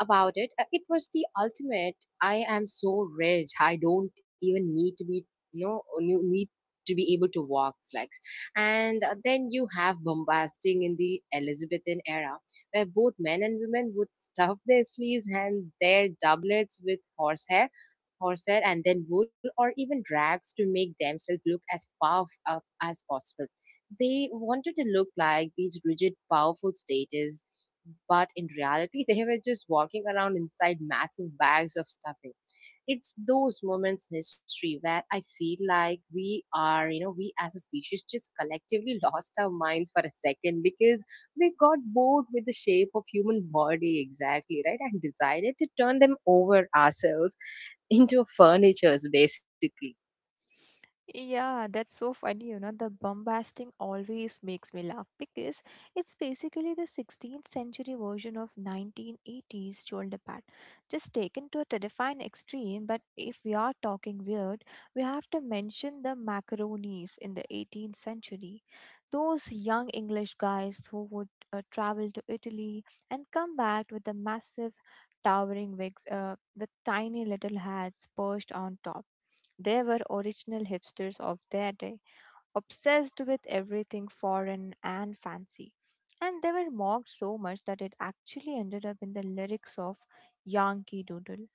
[SPEAKER 1] about it. It was the ultimate. I am so rich. I don't even need to be, you know, you need to be able to walk flex. And then you have bombasting in the Elizabethan era, where both men and women would stuff their sleeves and their doublets with horsehair. Horsehair and then wool, or even rags, to make themselves look as puffed up as possible. They wanted to look like these rigid, powerful status, but in reality, they were just walking around inside massive bags of stuffing. It's those moments in history where I feel like we are, you know, we as a species just collectively [laughs] lost our minds for a second because we got bored with the shape of human body, exactly, right? And decided to turn them over ourselves [laughs] into furnitures basically.
[SPEAKER 2] Yeah, that's so funny, you know. The bombasting always makes me laugh because it's basically the 16th century version of 1980s shoulder pad, just taken to a terrifying extreme. But if we are talking weird, we have to mention the macaronis in the 18th century. Those young English guys who would travel to Italy and come back with the massive towering wigs with tiny little hats perched on top, they were original hipsters of their day, obsessed with everything foreign and fancy. And they were mocked so much that it actually ended up in the lyrics of Yankee Doodle.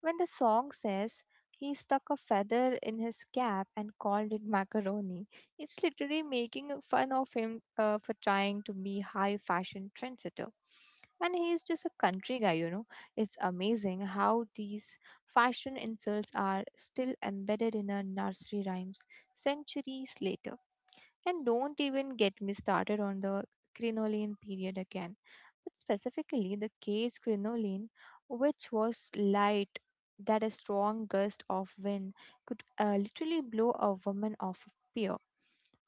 [SPEAKER 2] When the song says, he stuck a feather in his cap and called it macaroni. It's literally making fun of him for trying to be high fashion trendsetter. And he is just a country guy, you know. It's amazing how these fashion insults are still embedded in our nursery rhymes centuries later. And don't even get me started on the crinoline period again, but specifically the cage crinoline, which was light that a strong gust of wind could literally blow a woman off a pier.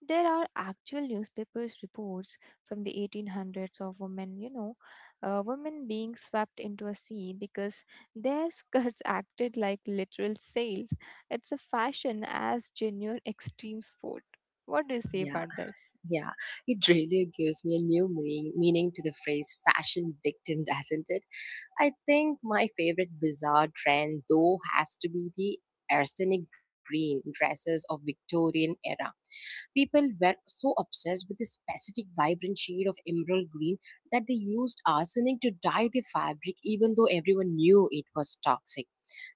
[SPEAKER 2] There are actual newspapers reports from the 1800s of women, you know, women being swept into a sea because their skirts [laughs] acted like literal sails. It's a fashion as genuine extreme sport. What do you say
[SPEAKER 1] Yeah,
[SPEAKER 2] about this?
[SPEAKER 1] yeah. It really gives me a new meaning to the phrase fashion victim, [laughs] doesn't it? I think my favorite bizarre trend though has to be the arsenic green dresses of Victorian era. People were so obsessed with this specific vibrant shade of emerald green that they used arsenic to dye their fabric, even though everyone knew it was toxic.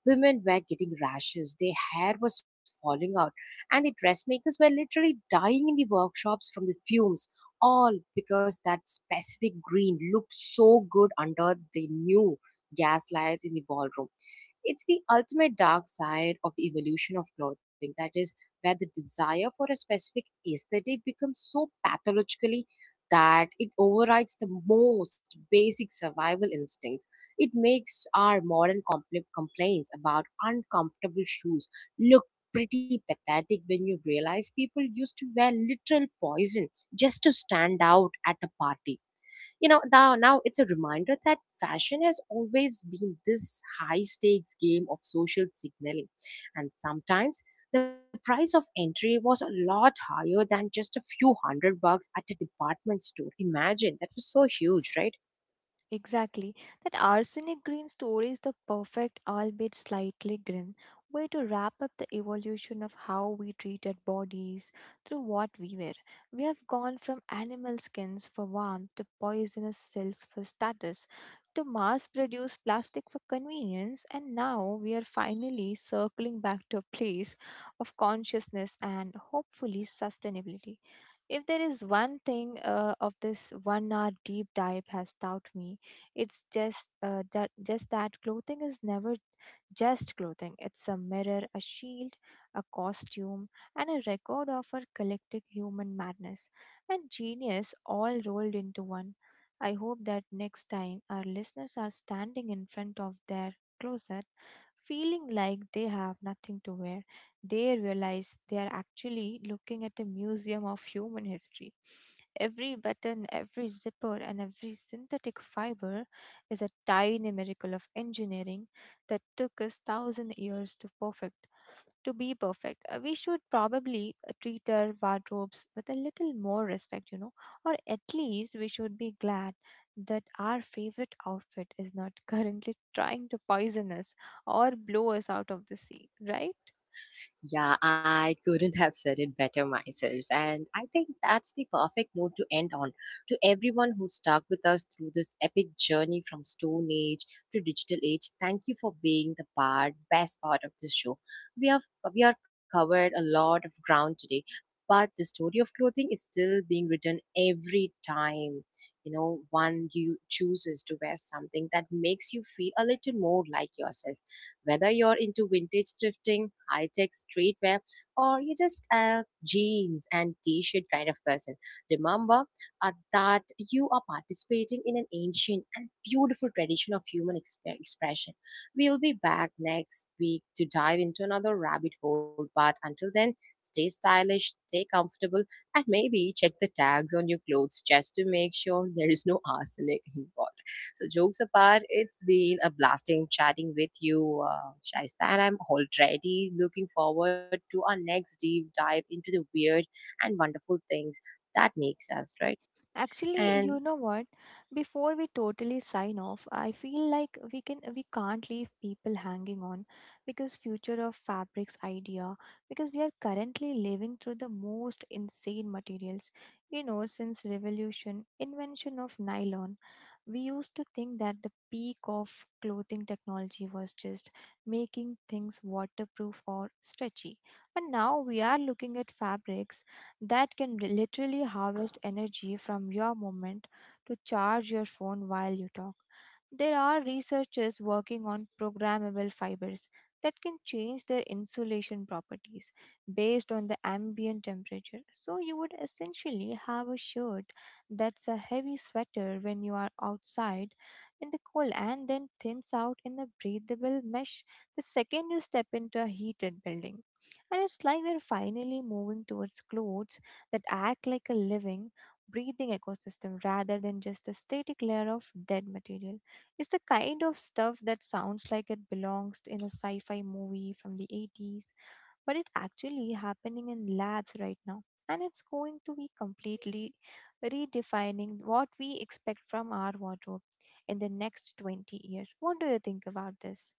[SPEAKER 1] Women were getting rashes, their hair was falling out, and the dressmakers were literally dying in the workshops from the fumes, all because that specific green looked so good under the new gas lights in the ballroom. It's the ultimate dark side of the evolution of clothing, that is, where the desire for a specific aesthetic becomes so pathologically that it overrides the most basic survival instincts. It makes our modern complaints about uncomfortable shoes look pretty pathetic when you realize people used to wear literal poison just to stand out at a party. You know, now it's a reminder that fashion has always been this high stakes game of social signaling, and sometimes the price of entry was a lot higher than just a few hundred bucks at a department store. Imagine that was so huge, right?
[SPEAKER 2] Exactly. That arsenic green story is the perfect, albeit slightly grim, way to wrap up the evolution of how we treated bodies through what we wear. We have gone from animal skins for warmth to poisonous silks for status to mass produced plastic for convenience, and now we are finally circling back to a place of consciousness and hopefully sustainability. If there is one thing of this 1 hour deep dive has taught me, it's just that clothing is never just clothing. It's a mirror, a shield, a costume, and a record of our collective human madness and genius all rolled into one. I hope that next time our listeners are standing in front of their closet feeling like they have nothing to wear. They realize they are actually looking at a museum of human history. Every button, every zipper, and every synthetic fiber is a tiny miracle of engineering that took us thousand years to perfect to be perfect. We should probably treat our wardrobes with a little more respect, you know, or at least we should be glad that our favorite outfit is not [laughs] currently trying to poison us or blow us out of the sea, right?
[SPEAKER 1] Yeah, I couldn't have said it better myself. And I think that's the perfect note to end on. To everyone who stuck with us through this epic journey from Stone Age to digital age, thank you for being best part of this show. We have we are covered a lot of ground today, but the story of clothing is still being written every time. You know, one you chooses to wear something that makes you feel a little more like yourself, whether you're into vintage thrifting, high tech streetwear, or you're just a jeans and t shirt kind of person, remember that you are participating in an ancient and beautiful tradition of human expression. We will be back next week to dive into another rabbit hole, but until then, stay stylish, stay comfortable, and maybe check the tags on your clothes just to make sure there is no arsenic involved. So jokes apart, it's been a blasting chatting with you, Shaista, and I'm already looking forward to our next deep dive into the weird and wonderful things that makes us, right?
[SPEAKER 2] Actually,
[SPEAKER 1] And
[SPEAKER 2] you know what? Before we totally sign off, I feel like we can't leave people hanging on because future of fabrics idea, because we are currently living through the most insane materials. You know, since revolution, invention of nylon, we used to think that the peak of clothing technology was just making things waterproof or stretchy. But now we are looking at fabrics that can literally harvest energy from your moment to charge your phone while you talk. There are researchers working on programmable fibers that can change their insulation properties based on the ambient temperature. So you would essentially have a shirt that's a heavy sweater when you are outside in the cold and then thins out in a breathable mesh the second you step into a heated building. And it's like we're finally moving towards clothes that act like a living, breathing ecosystem rather than just a static layer of dead material. It's the kind of stuff that sounds like it belongs in a sci fi movie from the 80s, but it's actually happening in labs right now. And it's going to be completely redefining what we expect from our wardrobe in the next 20 years. What do you think about this?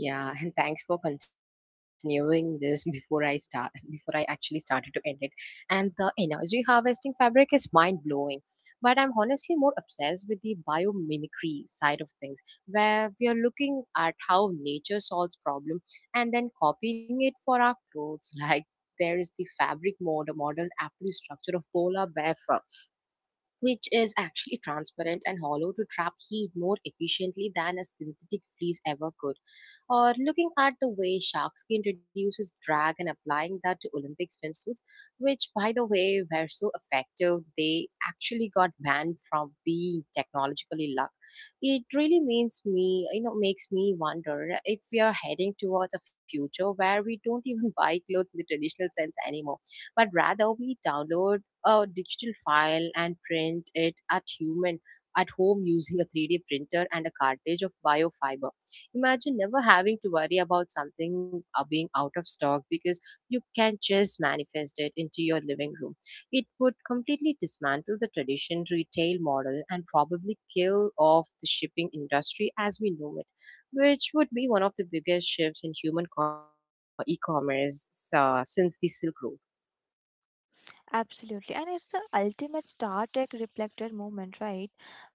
[SPEAKER 1] yeah, and thanks for continuing this [laughs] before I actually started to end it. And the energy harvesting fabric is mind blowing. But I'm honestly more obsessed with the biomimicry side of things, where we are looking at how nature solves problem and then copying it for our clothes. [laughs] Like there is the fabric modeled after the structure of polar bear, which is actually transparent and hollow to trap heat more efficiently than a synthetic fleece ever could. Or looking at the way shark skin reduces drag and applying that to Olympic swimsuits, which by the way were so effective they actually got banned from being technologically luck. It really means me, you know, makes me wonder if we are heading towards a future where we don't even [laughs] buy clothes in the traditional sense anymore, but rather we download a digital file and print it at human at home using a 3D printer and a cartridge of biofiber. Imagine never having to worry about something being out of stock because you can just manifest it into your living room. It would completely dismantle the traditional retail model and probably kill off the shipping industry as we know it, which would be one of the biggest shifts in human e-commerce since the Silk Road.
[SPEAKER 2] Absolutely, and it's the ultimate Star Trek reflected moment, right?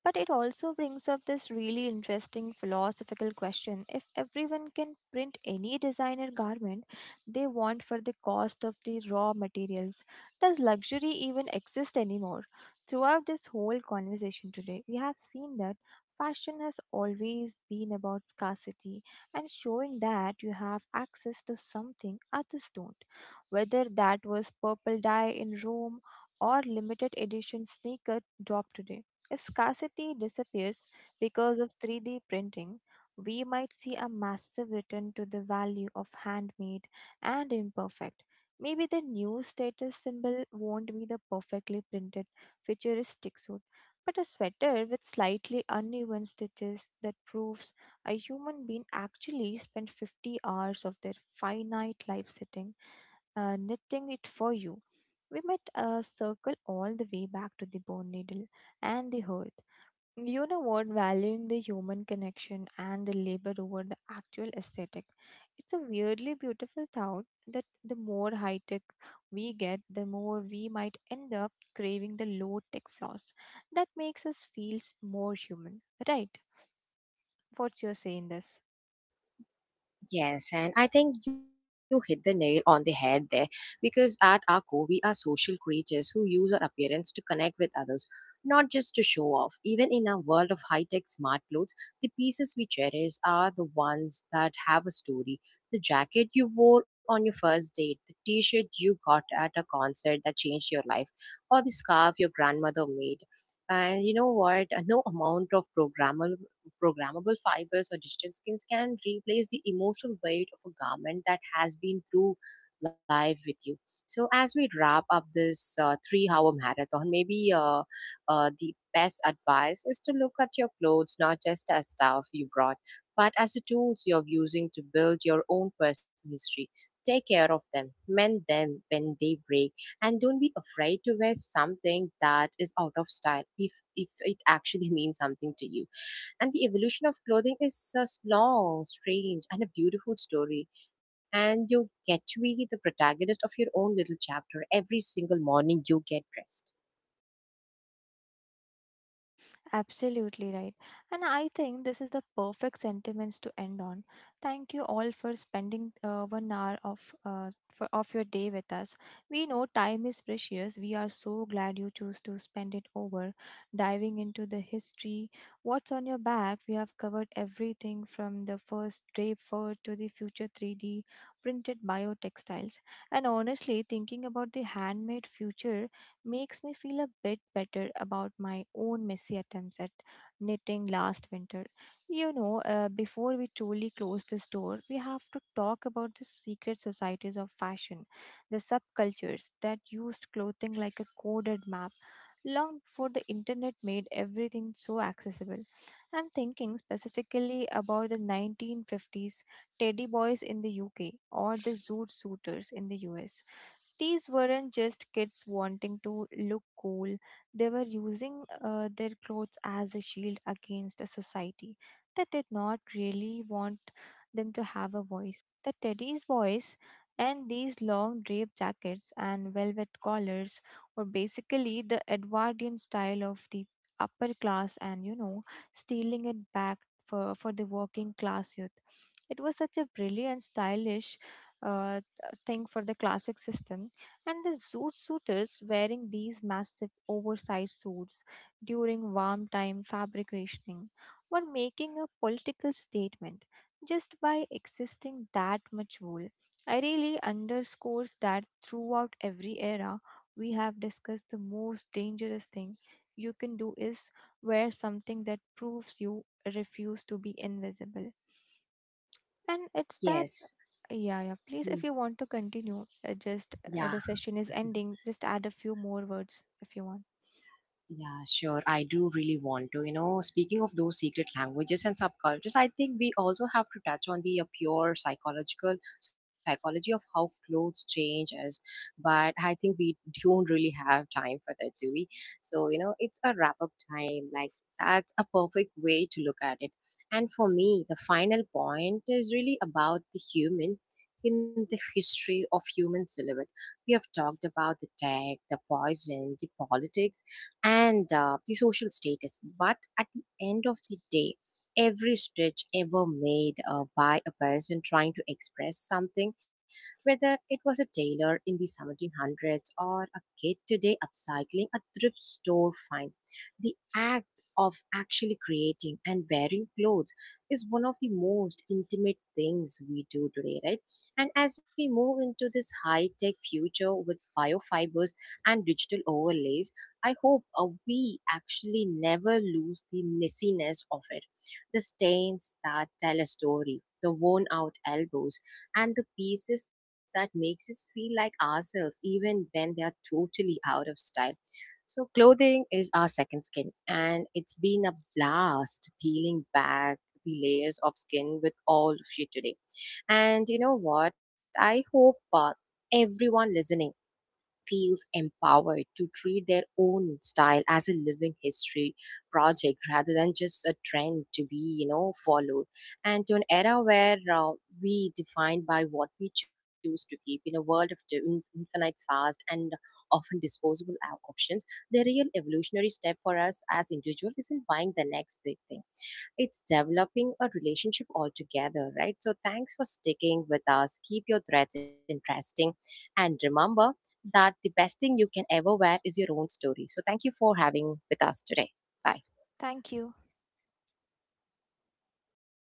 [SPEAKER 2] But it also brings up this really interesting philosophical question. If everyone can print any designer garment they want for the cost of the raw materials, does luxury even exist anymore? Throughout this whole conversation today, we have seen that fashion has always been about scarcity and showing that you have access to something others don't, whether that was purple dye in Rome or limited edition sneaker drop today. If scarcity disappears because of 3D printing, we might see a massive return to the value of handmade and imperfect. Maybe the new status symbol won't be the perfectly printed futuristic suit, but a sweater with slightly uneven stitches that proves a human being actually spent 50 hours of their finite life sitting knitting it for you. We might circle all the way back to the bone needle and the hearth. You know what? Valuing the human connection and the labor over the actual aesthetic. It's a weirdly beautiful thought that the more high tech we get, the more we might end up craving the low tech flaws that makes us feel more human, right? What's your say in this?
[SPEAKER 1] Yes, and I think you hit the nail on the head there because at our core, we are social creatures who use our appearance to connect with others, not just to show off. Even in a world of high tech smart clothes, the pieces we cherish are the ones that have a story. The jacket you wore on your first date, the t shirt you got at a concert that changed your life, or the scarf your grandmother made. And you know what? No amount of programmable fibers or digital skins can replace the emotional weight of a garment that has been through live with you. So, as we wrap up this 3 hour marathon, maybe the best advice is to look at your clothes not just as stuff you brought, but as the tools you're using to build your own personal history. Take care of them, mend them when they break, and don't be afraid to wear something that is out of style if it actually [laughs] means something to you. And the evolution of clothing is a long, strange, and a beautiful story. And you get to be the protagonist of your own little chapter every single morning you get dressed.
[SPEAKER 2] Absolutely right. And I think this is the perfect sentiments to end on. Thank you all for spending 1 hour of of your day with us. We know time is precious. We are so glad you choose to spend it over diving into the history. What's on your back? We have covered everything from the first drape fur to the future 3D printed biotextiles. And honestly, thinking about the handmade future makes me feel a bit better about my own messy attempts at knitting last winter. You know, before we truly close this door, we have to talk about the secret societies of fashion, the subcultures that used clothing like a coded map long before the internet made everything so accessible. I'm thinking specifically about the 1950s teddy boys in the UK or the zoot suiters in the US. These weren't just kids wanting to look cool, they were using their clothes as a shield against a society that did not really want them to have a voice. The Teddy's voice and these long drape jackets and velvet collars were basically the Edwardian style of the upper class and, you know, stealing it back for the working class youth. It was such a brilliant, stylish uh, thing for the classic system, and the zoot suiters wearing these massive oversized suits during warm time fabric were making a political statement just by existing that much wool. I really underscores that throughout every era we have discussed the most dangerous thing you can do is wear something that proves you refuse to be invisible. And it's that,
[SPEAKER 1] Yes.
[SPEAKER 2] yeah, yeah.
[SPEAKER 1] Hmm.
[SPEAKER 2] Please, if you want to continue, just
[SPEAKER 1] Yeah.
[SPEAKER 2] the session is ending. Just add a few more words if you want.
[SPEAKER 1] Yeah, sure. I do really want to. You know, speaking of those secret languages and subcultures, I think we also have to touch on the pure psychological psychology of how clothes change us. But I think we don't really have time for that, do we? So, you know, it's a wrap up time. Like, that's a perfect way to look at it. And for me, the final point is really about the human in the history of human silhouette. We have talked about the tech, the poison, the politics, and the social status. But at the end of the day, every stitch ever made by a person trying to express something, whether it was a tailor in the 1700s or a kid today upcycling a thrift store find, the act of actually creating and wearing clothes is one of the most intimate things we do today, right? And as we move into this high tech future with biofibers and digital overlays, I hope we actually never lose the messiness of it. The stains that tell a story, the worn out elbows, and the pieces that makes us feel like ourselves even when they are totally out of style. So clothing is our second skin and it's been a blast peeling back the layers of skin with all of you today. And you know what? I hope everyone listening feels empowered to treat their own style as a living history project rather than just a trend to be, you know, followed. And to an era where we defined by what we choose to keep in a world of the infinite fast and often disposable options, the real evolutionary step for us as individual isn't buying the next big thing. It's developing a relationship altogether, right? So thanks for sticking with us. Keep your threads interesting. And remember that the best thing you can ever wear is your own story. So thank you for having with us today. Bye.
[SPEAKER 2] Thank you.